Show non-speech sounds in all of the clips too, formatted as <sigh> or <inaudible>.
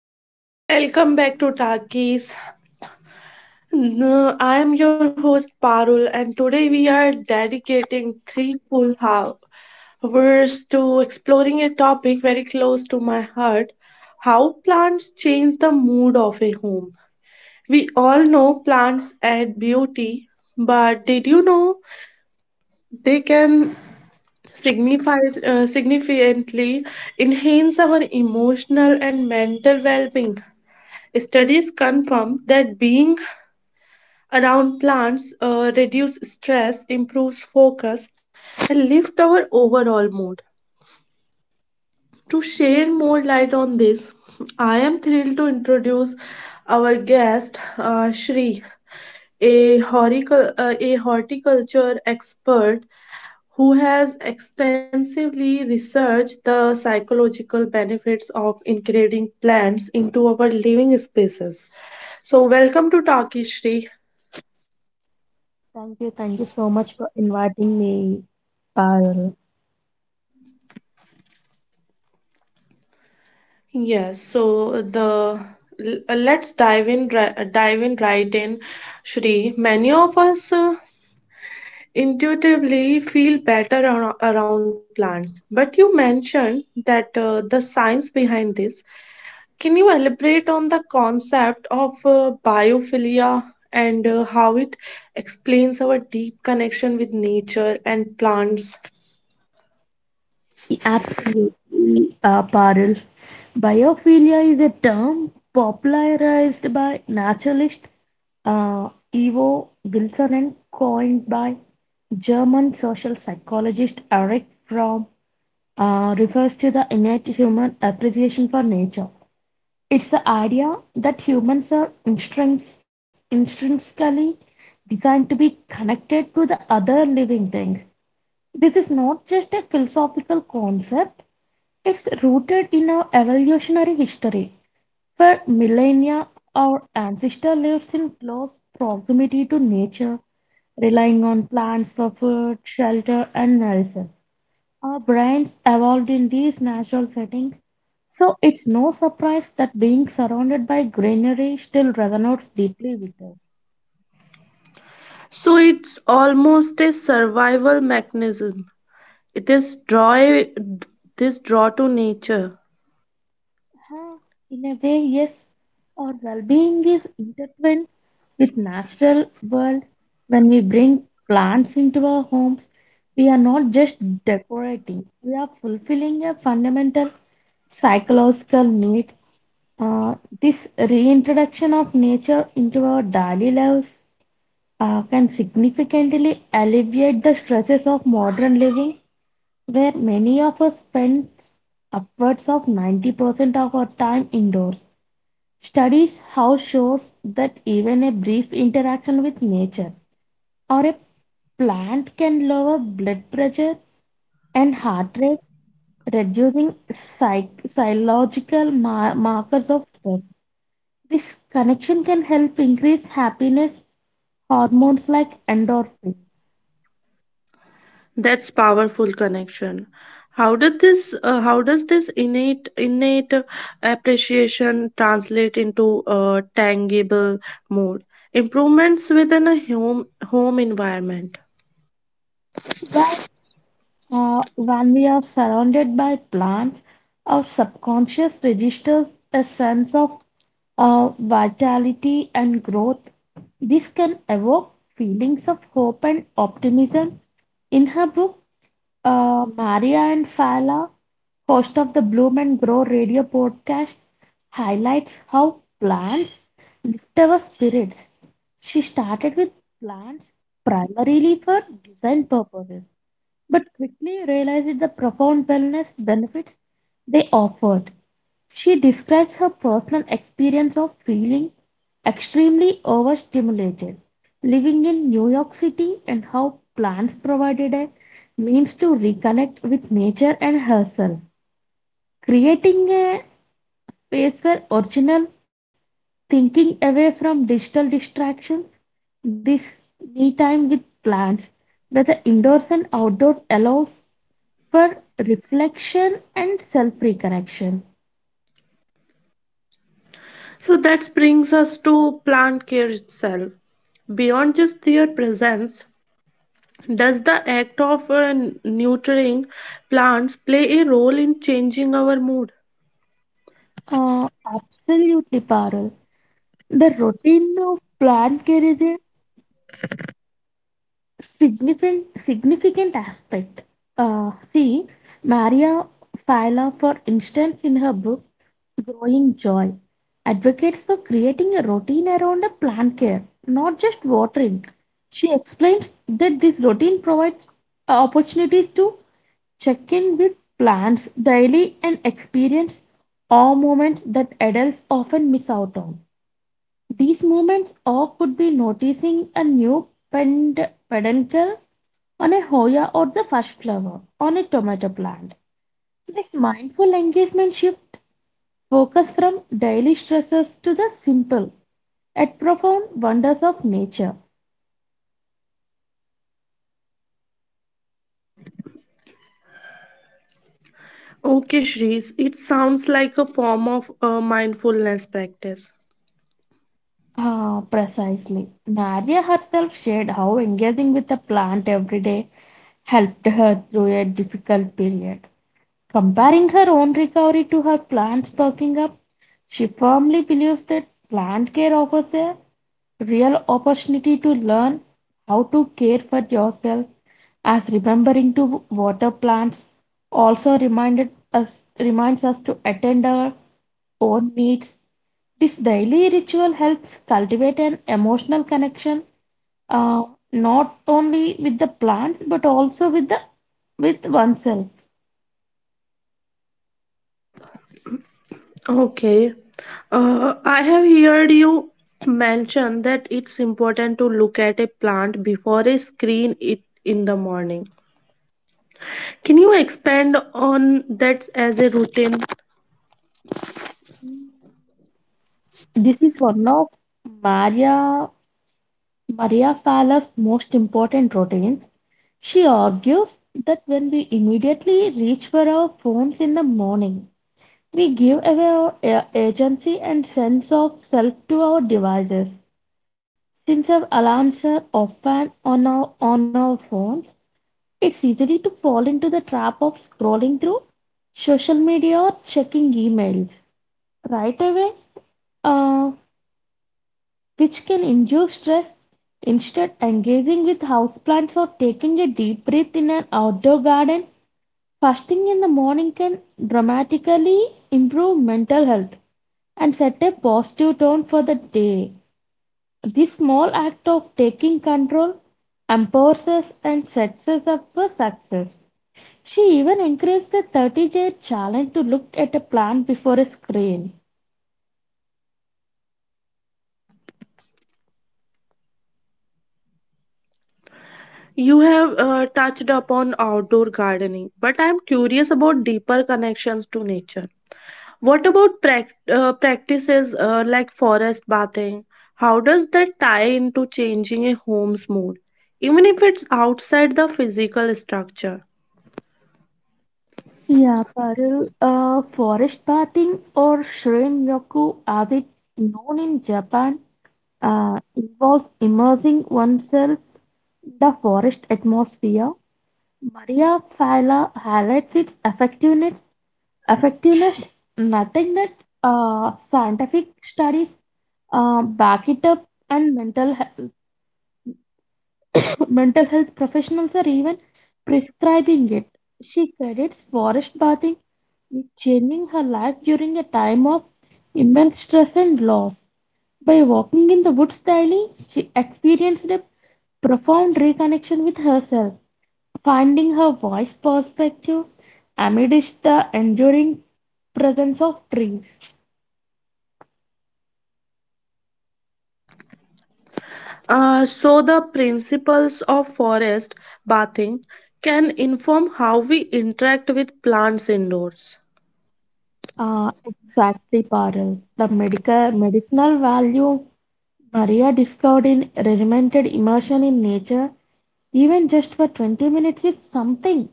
Hello and welcome back to Talkies. No, I am your host Parul, and today we are dedicating three full hours to exploring a topic very close to my heart, how plants change the mood of a home. We all know plants add beauty, but did you know they can signify, significantly enhance our emotional and mental well being? Studies confirm that being around plants reduce stress, improves focus, and lift our overall mood. To share more light on this, I am thrilled to introduce our guest, Shri, a, a horticulture expert who has extensively researched the psychological benefits of integrating plants into our living spaces. So, welcome to Talkie Shri. Thank you so much for inviting me, Parul. Yes, so the let's dive in right in, Shri. Many of us intuitively feel better around plants, but you mentioned that the science behind this. Can you elaborate on the concept of biophilia and how it explains our deep connection with nature and plants? Absolutely, Parul. Biophilia is a term popularized by naturalist Ivo Wilson and coined by German social psychologist Eric Fromm, refers to the innate human appreciation for nature. It's the idea that instinctively designed to be connected to the other living things. This is not just a philosophical concept, it's rooted in our evolutionary history. For millennia, our ancestor lived in close proximity to nature, relying on plants for food, shelter, and medicine. Our brains evolved in these natural settings, so it's no surprise that being surrounded by greenery still resonates deeply with us. So it's almost a survival mechanism. This draw, this draw to nature, Huh, in a way, yes, our well-being is intertwined with natural world. When we bring plants into our homes, we are not just decorating; we are fulfilling a fundamental psychological need. Uh, this reintroduction of nature into our daily lives can significantly alleviate the stresses of modern living, where many of us spend upwards of 90% of our time indoors. Studies have shows that even a brief interaction with nature or a plant can lower blood pressure and heart rate, reducing psychological markers of stress. This connection can help increase happiness hormones like endorphins, that's powerful connection. How did this how does this innate appreciation translate into a tangible mode improvements within a home environment? while when we are surrounded by plants, our subconscious registers a sense of vitality and growth. This can evoke feelings of hope and optimism. In her book, Maria and Fala, host of the Bloom and Grow radio podcast, highlights how plants lift our spirits. She started with plants primarily for design purposes but quickly realized the profound wellness benefits they offered. She describes her personal experience of feeling extremely overstimulated, living in New York City, and how plants provided a means to reconnect with nature and herself, creating a space for original thinking away from digital distractions. This me time with plants, whether indoors and outdoors, allows for reflection and self reconnection. So that brings us to plant care itself, beyond just their presence. Does the act of nurturing plants play a role in changing our mood? Uh, absolutely, Parul. The routine of plan carries a significant aspect. Uh, see, Maria Fila, for instance, in her book Growing Joy, advocates for creating a routine around a plant care, not just watering. She explains that this routine provides opportunities to check in with plants daily and experience awe moments that adults often miss out on. These moments awe could be noticing a new peduncle on a Hoya or the first flower on a tomato plant. This mindful engagement shift focus from daily stresses to the simple yet profound wonders of nature. Okay, Shrees, it sounds like a form of mindfulness practice. Ah, precisely. Nadia herself shared how engaging with the plant every day helped her through a difficult period. Comparing her own recovery to her plant's perking up, she firmly believes that plant care offers a real opportunity to learn how to care for yourself as remembering to water plants also reminded us reminds us to attend our own needs. This daily ritual helps cultivate an emotional connection uh, not only with the plants but also with the with oneself. Okay, I have heard you mention that it's important to look at a plant before a screen it in the morning. Can you expand on that as a routine? This is one of Maria Maria Fala's most important routines. She argues that when we immediately reach for our phones in the morning, we give away our agency and sense of self to our devices. Since our alarms are often on our phones, it's easy to fall into the trap of scrolling through social media or checking emails right away, uh, which can induce stress. Instead, engaging with houseplants or taking a deep breath in an outdoor garden, fasting in the morning can dramatically improve mental health and set a positive tone for the day. This small act of taking control empowers us and sets us up for success. She even encouraged the 30-day challenge to look at a plant before a screen. You have touched upon outdoor gardening, but I'm curious about deeper connections to nature. What about practices like forest bathing? How does that tie into changing a home's mood, even if it's outside the physical structure? Yeah, Parul, forest bathing or shrine-yoku as it known in Japan involves immersing oneself in the forest atmosphere. Maria Fila highlights its effectiveness nothing that scientific studies back it up and mental health, <coughs> <laughs> mental health professionals are even prescribing it. She credits forest bathing with changing her life during a time of immense stress and loss. By walking in the woods daily, she experienced a profound reconnection with herself, finding her voice perspective amidst the enduring presence of trees. So, the principles of forest bathing can inform how we interact with plants indoors. Exactly, Parul. The medical medicinal value Maria discovered in regimented immersion in nature, even just for 20 minutes, is something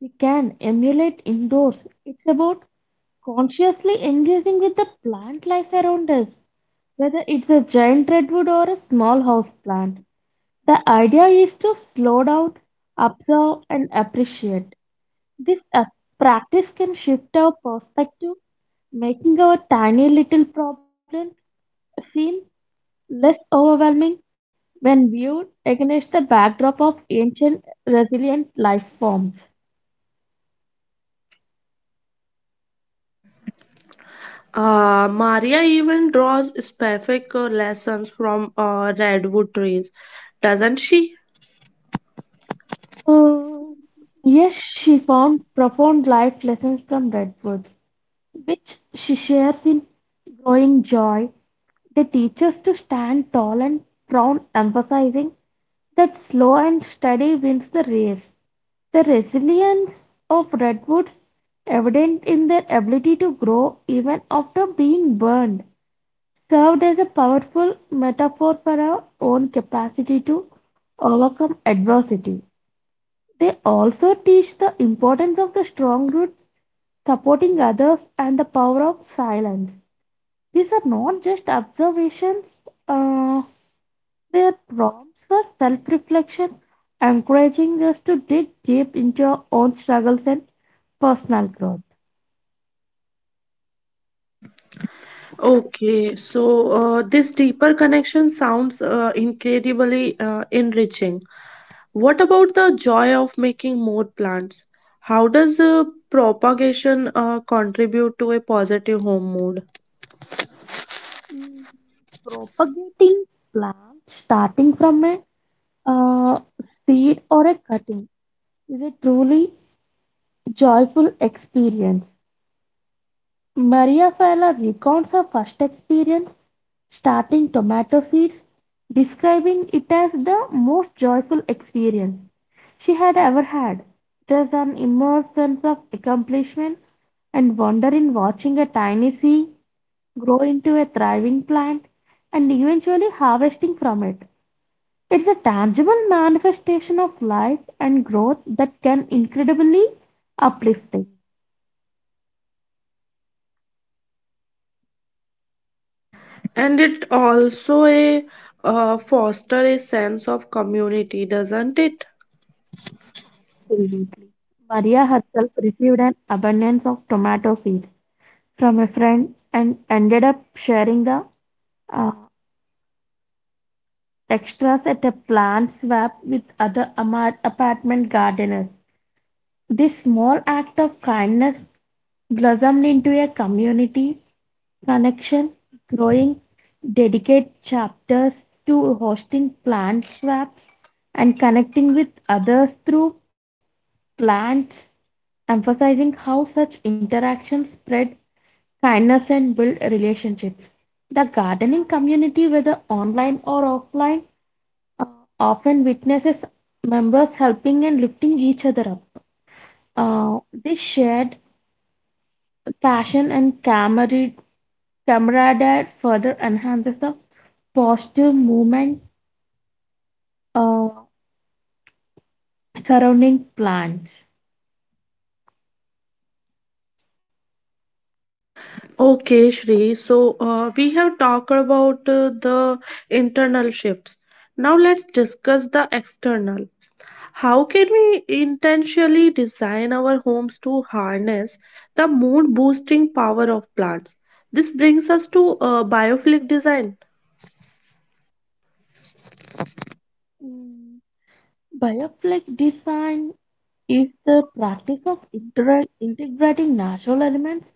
we can emulate indoors. It's about consciously engaging with the plant life around us, whether it's a giant redwood or a small house plant. The idea is to slow down, observe, and appreciate. This practice can shift our perspective, making our tiny little problems seem less overwhelming when viewed against the backdrop of ancient resilient life forms. Maria even draws specific lessons from redwood trees, doesn't she? Uh, yes, she found profound life lessons from redwoods, which she shares in growing joy. They teach us to stand tall and proud, emphasizing that slow and steady wins the race. The resilience of redwoods evident in their ability to grow even after being burned. Served as a powerful metaphor for our own capacity to overcome adversity. They also teach the importance of the strong roots, supporting others, and the power of silence. These are not just observations, uh, they are prompts for self reflection, encouraging us to dig deep into our own struggles and personal growth. Okay, so this deeper connection sounds incredibly enriching. What about the joy of making more plants? How does propagation contribute to a positive home mood? Mm, propagating plants starting from a seed or a cutting is a truly joyful experience. Maria Fella recounts her first experience starting tomato seeds, describing it as the most joyful experience she had ever had. There's an immense sense of accomplishment and wonder in watching a tiny seed grow into a thriving plant and eventually harvesting from it. It's a tangible manifestation of life and growth that can incredibly uplifting. And it also a foster a sense of community, doesn't it? Absolutely. Maria herself received an abundance of tomato seeds from a friend and ended up sharing the uh, extras at a plant swap with other apartment gardeners. This small act of kindness blossomed into a community connection, growing dedicated chapters to hosting plant swaps and connecting with others through plants, emphasizing how such interactions spread kindness and build relationships. The gardening community, whether online or offline, uh, often witnesses members helping and lifting each other up, uh, this shared passion and camaraderie further enhances the positive movement uh, surrounding plants. Okay, Shri. So we have talked about the internal shifts. Now let's discuss the external. How can we intentionally design our homes to harness the mood boosting power of plants? This brings us to biophilic design. Mm, bioflake design is the practice of integrating natural elements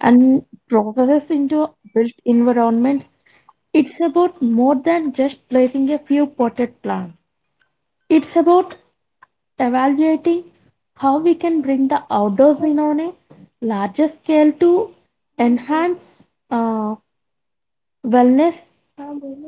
and processes into built environments. It's about more than just placing a few potted plants. It's about evaluating how we can bring the outdoors in on a larger scale to enhance uh, wellness.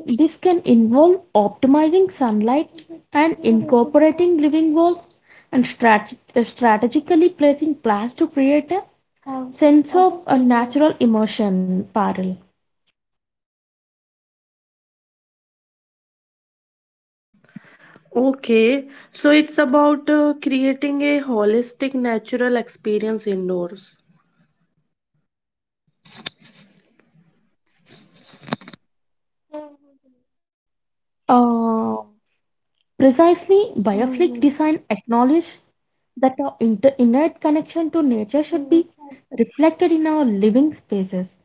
This can involve optimizing sunlight and incorporating living walls and strategically placing plants to create a sense of a natural immersion. Parallel, Okay, so it's about creating a holistic natural experience indoors. Uh, precisely, bioflick design acknowledges that our innate connection to nature should be reflected in our living spaces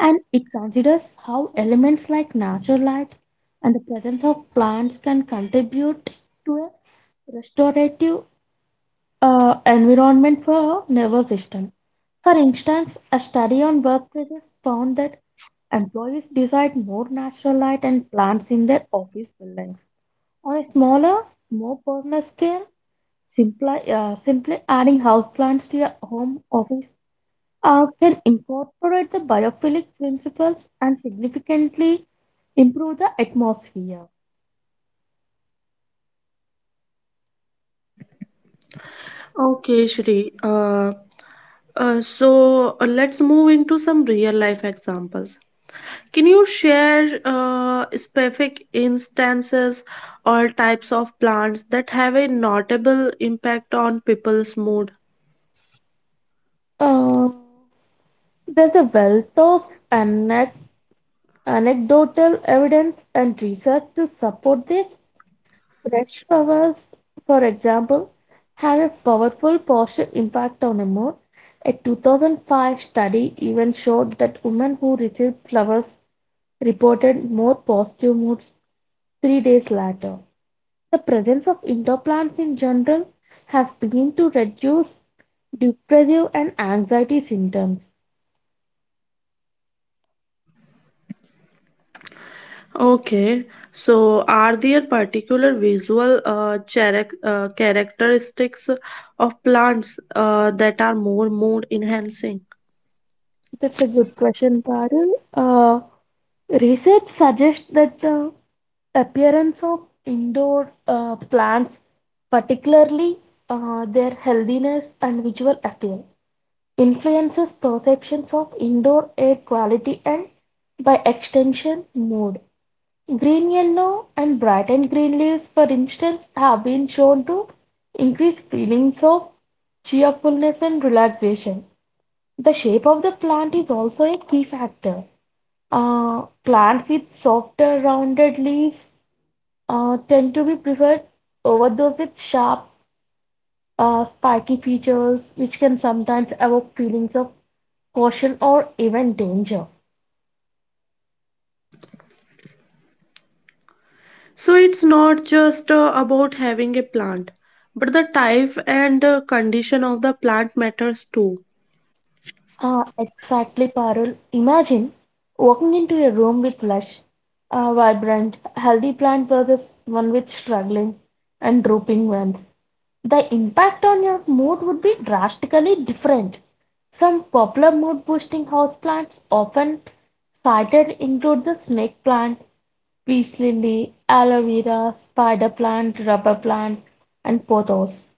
and it considers how elements like natural light and the presence of plants can contribute to a restorative environment for our nervous system for instance a study on workplaces found that employees desired more natural light and plants in their office buildings on a smaller more personal scale. Simply adding houseplants to your home office can incorporate the biophilic principles and significantly improve the atmosphere. Okay, Shri. Let's move into some real life examples. Can you share specific instances or types of plants that have a notable impact on people's mood? Uh, there's a wealth of anec- anecdotal evidence and research to support this. Fresh flowers, for example, have a powerful positive impact on a mood. A 2005 study even showed that women who received flowers reported more positive moods 3 days later. The presence of indoor plants in general has been to reduce depressive and anxiety symptoms. Okay, so are there particular visual characteristics of plants that are more mood enhancing? That's a good question, Parul. Research suggests that the appearance of indoor plants, particularly their healthiness and visual appeal, influences perceptions of indoor air quality and, by extension, mood. Green yellow and bright and green leaves, for instance, have been shown to increase feelings of cheerfulness and relaxation. The shape of the plant is also a key factor. Plants with softer, rounded leaves tend to be preferred over those with sharp, spiky features, which can sometimes evoke feelings of caution or even danger. So it's not just about having a plant, but the type and condition of the plant matters too. Ah, exactly, Parul. Imagine walking into a room with lush, vibrant, healthy plant versus one with struggling and drooping ones. The impact on your mood would be drastically different. Some popular mood boosting houseplants often cited include the snake plant, peace lily, aloe vera, spider plant, rubber plant, and pothos.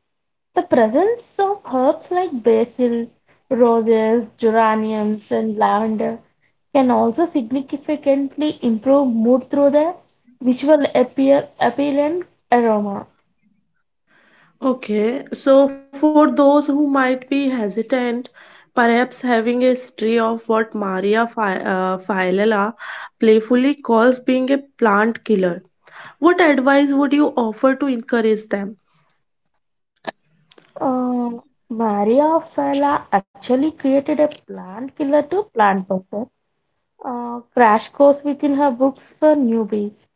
The presence of herbs like basil, roses, geraniums, and lavender can also significantly improve mood through their visual appeal and aroma. Okay, so for those who might be hesitant, perhaps having a stray of what Maria Phylella playfully calls being a plant killer, what advice would you offer to encourage them? Uh, Maria Fella actually created a plant killer to plant buffer crash course within her books for newbies,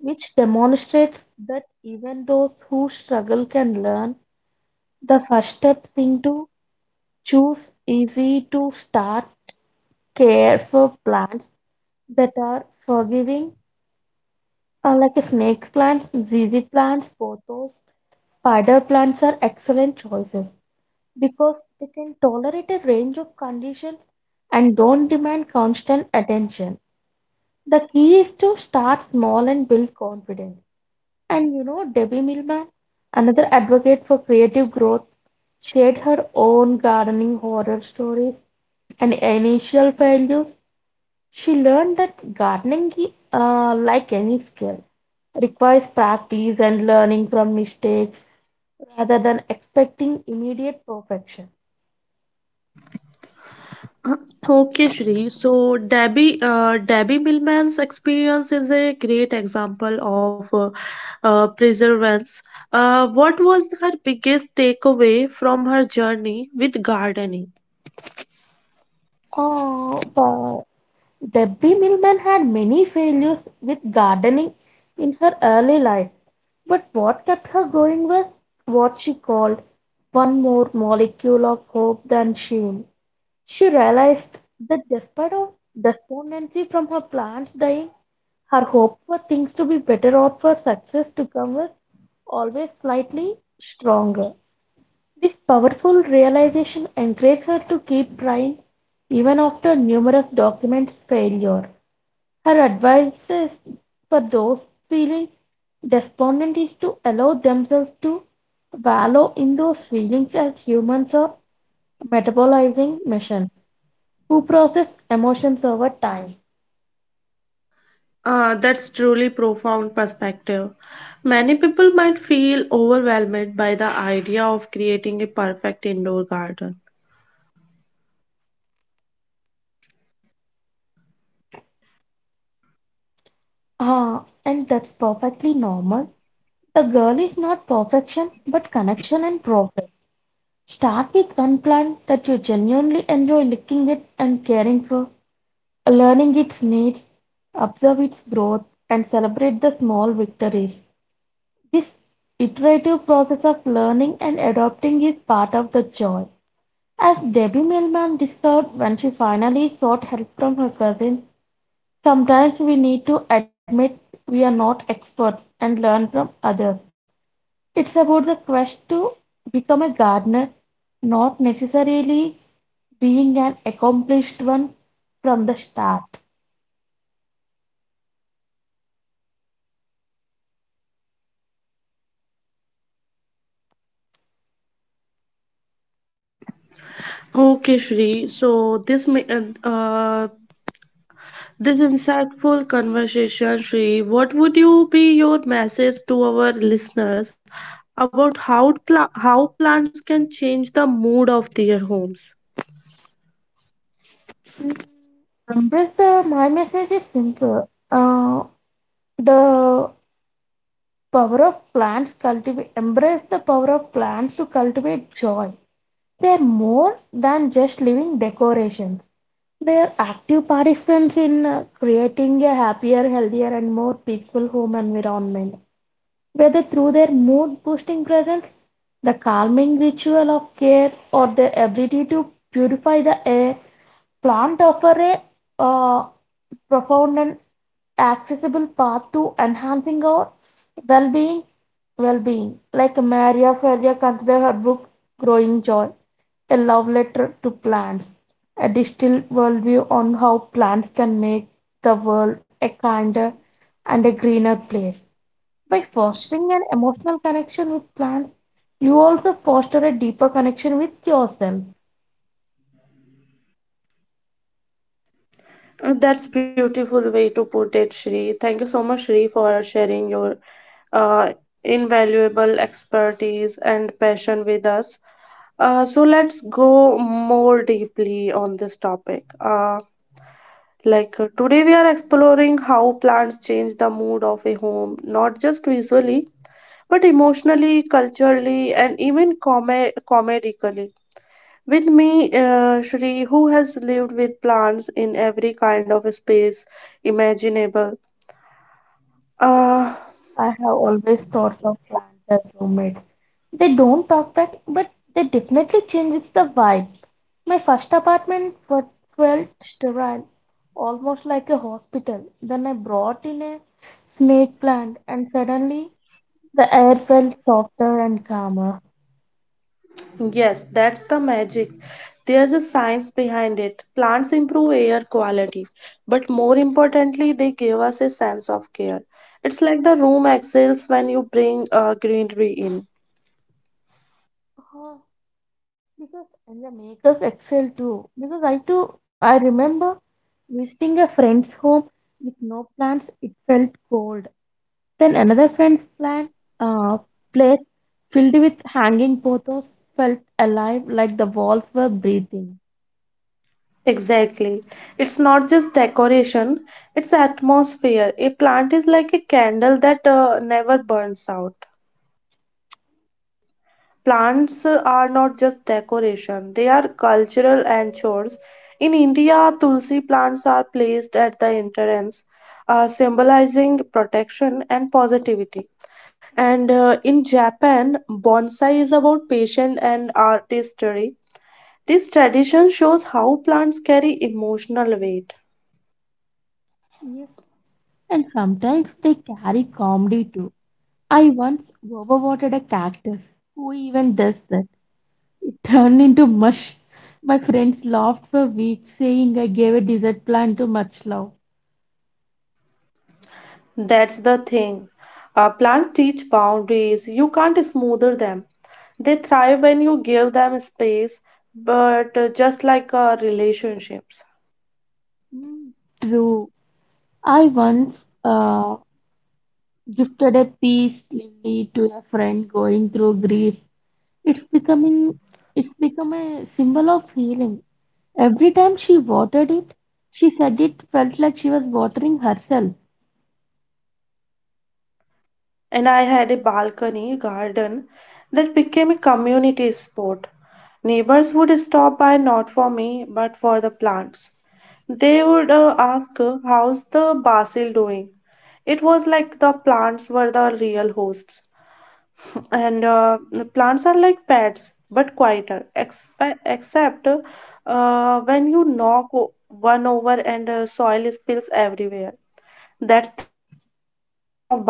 which demonstrates that even those who struggle can learn the first steps into choose easy to start care for plants that are forgiving, like a snake plants, zizi plants, pothos, spider plants are excellent choices because they can tolerate a range of conditions and don't demand constant attention. The key is to start small and build confidence. And you know, Debbie Millman, another advocate for creative growth, shared her own gardening horror stories and initial failures. She learned that gardening, like any skill, requires practice and learning from mistakes rather than expecting immediate perfection. Okay, Shri. So Debbie, Debbie Millman's experience is a great example of perseverance. What was her biggest takeaway from her journey with gardening? Oh, but Debbie Millman had many failures with gardening in her early life, but what kept her going was what she called one more molecule of hope than shame. She realized that despite of despondency from her plants dying, her hope for things to be better or for success to come was always slightly stronger. This powerful realization encouraged her to keep trying even after numerous documents failure. Her advice is for those feeling despondent is to allow themselves to wallow in those feelings as humans are metabolizing machines who process emotions over time. That's truly profound perspective. Many people might feel overwhelmed by the idea of creating a perfect indoor garden. Ah, and that's perfectly normal. The girl is not perfection but connection and progress. Start with one plant that you genuinely enjoy looking at and caring for, learning its needs, observe its growth, and celebrate the small victories. This iterative process of learning and adopting is part of the joy. As Debbie Millman discovered when she finally sought help from her cousin, sometimes we need to admit we are not experts and learn from others. It's about the quest to become a gardener, not necessarily being an accomplished one from the start. Okay, Shri. So this insightful conversation, Shri, what would you be your message to our listeners about how how plants can change the mood of their homes? Mm, embrace the my message is simple. Uh, the power of plants cultivate embrace the power of plants to cultivate joy. They're more than just living decorations. They're active participants in creating a happier, healthier, and more peaceful home environment. Whether through their mood boosting presence, the calming ritual of care, or their ability to purify the air, plants offer a uh, profound and accessible path to enhancing our well-being well-being like Maria Ferrier considered her book Growing Joy a love letter to plants, a distilled worldview on how plants can make the world a kinder and a greener place. By fostering an emotional connection with plants, you also foster a deeper connection with yourself. That's beautiful way to put it, Shri. Thank you so much, Shri, for sharing your invaluable expertise and passion with us. So let's go more deeply on this topic. Like today, we are exploring how plants change the mood of a home, not just visually, but emotionally, culturally, and even comedically. With me, Shri, who has lived with plants in every kind of space imaginable. Uh, I have always thought of plants as roommates. They don't talk back, but they definitely changes the vibe. My first apartment felt sterile, almost like a hospital. Then I brought in a snake plant, and suddenly the air felt softer and calmer. Yes, that's the magic. There's a science behind it. Plants improve air quality, but more importantly, they give us a sense of care. It's like the room exhales when you bring greenery in. Uh, because and the makers excel too. Because I remember visiting a friend's home with no plants. It felt cold. Then another friend's plan, uh, place filled with hanging pothos felt alive like the walls were breathing. Exactly. It's not just decoration, it's atmosphere. A plant is like a candle that never burns out. Plants are not just decoration, they are cultural anchors. In India, tulsi plants are placed at the entrance, symbolizing protection and positivity. And in Japan, bonsai is about patience and artistry. This tradition shows how plants carry emotional weight. Yes. And sometimes they carry comedy too. I once overwatered a cactus. Who even does that? It turned into mush. My friends laughed for weeks, saying I gave a desert plant too much love. That's the thing. Plants teach boundaries. You can't smoother them. They thrive when you give them space, but just like relationships. Mm. True. I once gifted a peace lily to a friend going through grief. It's becoming it's become a symbol of healing. Every time she watered it, she said it felt like she was watering herself. And I had a balcony garden that became a community sport. Neighbors would stop by not for me, but for the plants. They would ask, how's the basil doing? It was like the plants were the real hosts. And the plants are like pets, but quieter, except when you knock one over and soil spills everywhere. That's their version of barking.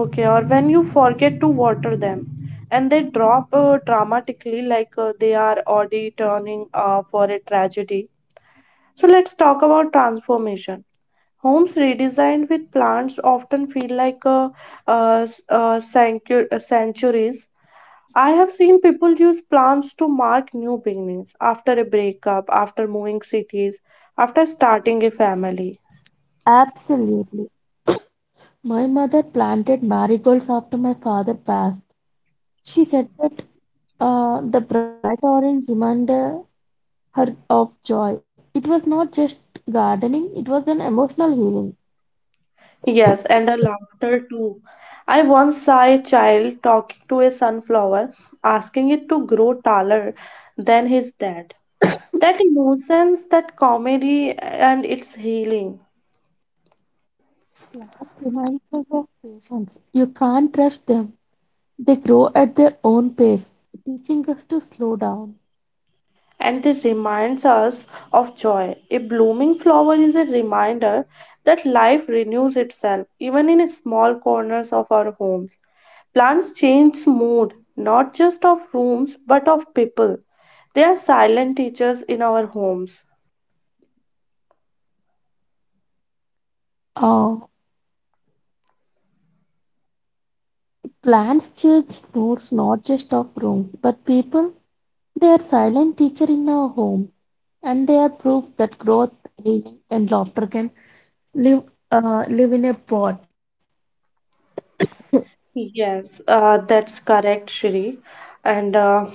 Okay, or when you forget to water them and they drop dramatically, like they are already turning for a tragedy. So let's talk about transformation. Homes redesigned with plants often feel like sanctuaries. I have seen people use plants to mark new beginnings, after a breakup, after moving cities, after starting a family. Absolutely. My mother planted marigolds after my father passed. She said that the bright orange reminded her of joy. It was not just gardening, it was an emotional healing. Yes, and a laughter too. I once saw a child talking to a sunflower, asking it to grow taller than his dad. That innocence, that comedy, and it's healing. Plants remind us of patience. You can't rush them. They grow at their own pace, teaching us to slow down. And they reminds us of joy. A blooming flower is a reminder that life renews itself even in small corners of our homes. Plants change mood not just of rooms but of people. They are silent teachers in our homes. Uh, Plants change roots not just of rooms but people. They are silent teacher in our homes, and they are proof that growth, healing, and laughter can live live in a pot. Yes, that's correct, Shri. And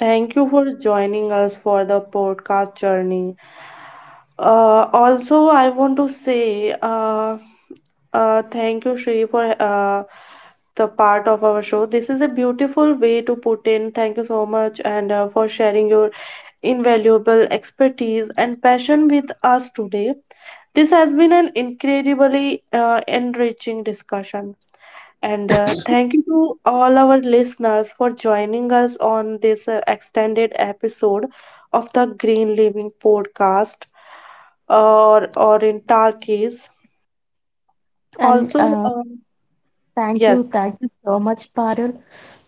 thank you for joining us for the podcast journey. Also, I want to say thank you, Shri, for the part of our show. This is a beautiful way to put in. Thank you so much, and for sharing your invaluable expertise and passion with us today. This has been an incredibly enriching discussion. And thank you to all our listeners for joining us on this extended episode of the Green Living Podcast, or in Turkish. And Also, yes. Thank you so much, Parul,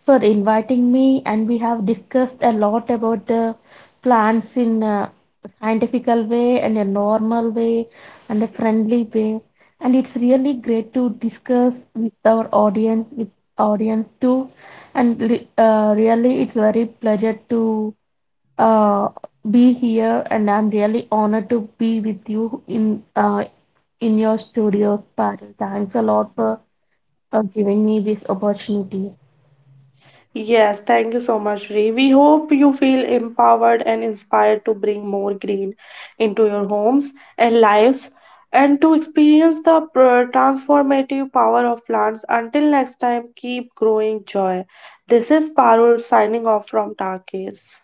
for inviting me, and we have discussed a lot about the plants in a scientifical way, and a normal way, and a friendly way, and it's really great to discuss with our audience too. And really it's very pleasure to uh, be here, and I'm really honored to be with you uh, in your studios, Parul. Thanks a lot for giving me this opportunity. Yes, thank you so much, Ree. We hope you feel empowered and inspired to bring more green into your homes and lives and to experience the transformative power of plants. Until next time, keep growing joy. This is Parul signing off from Tarkis.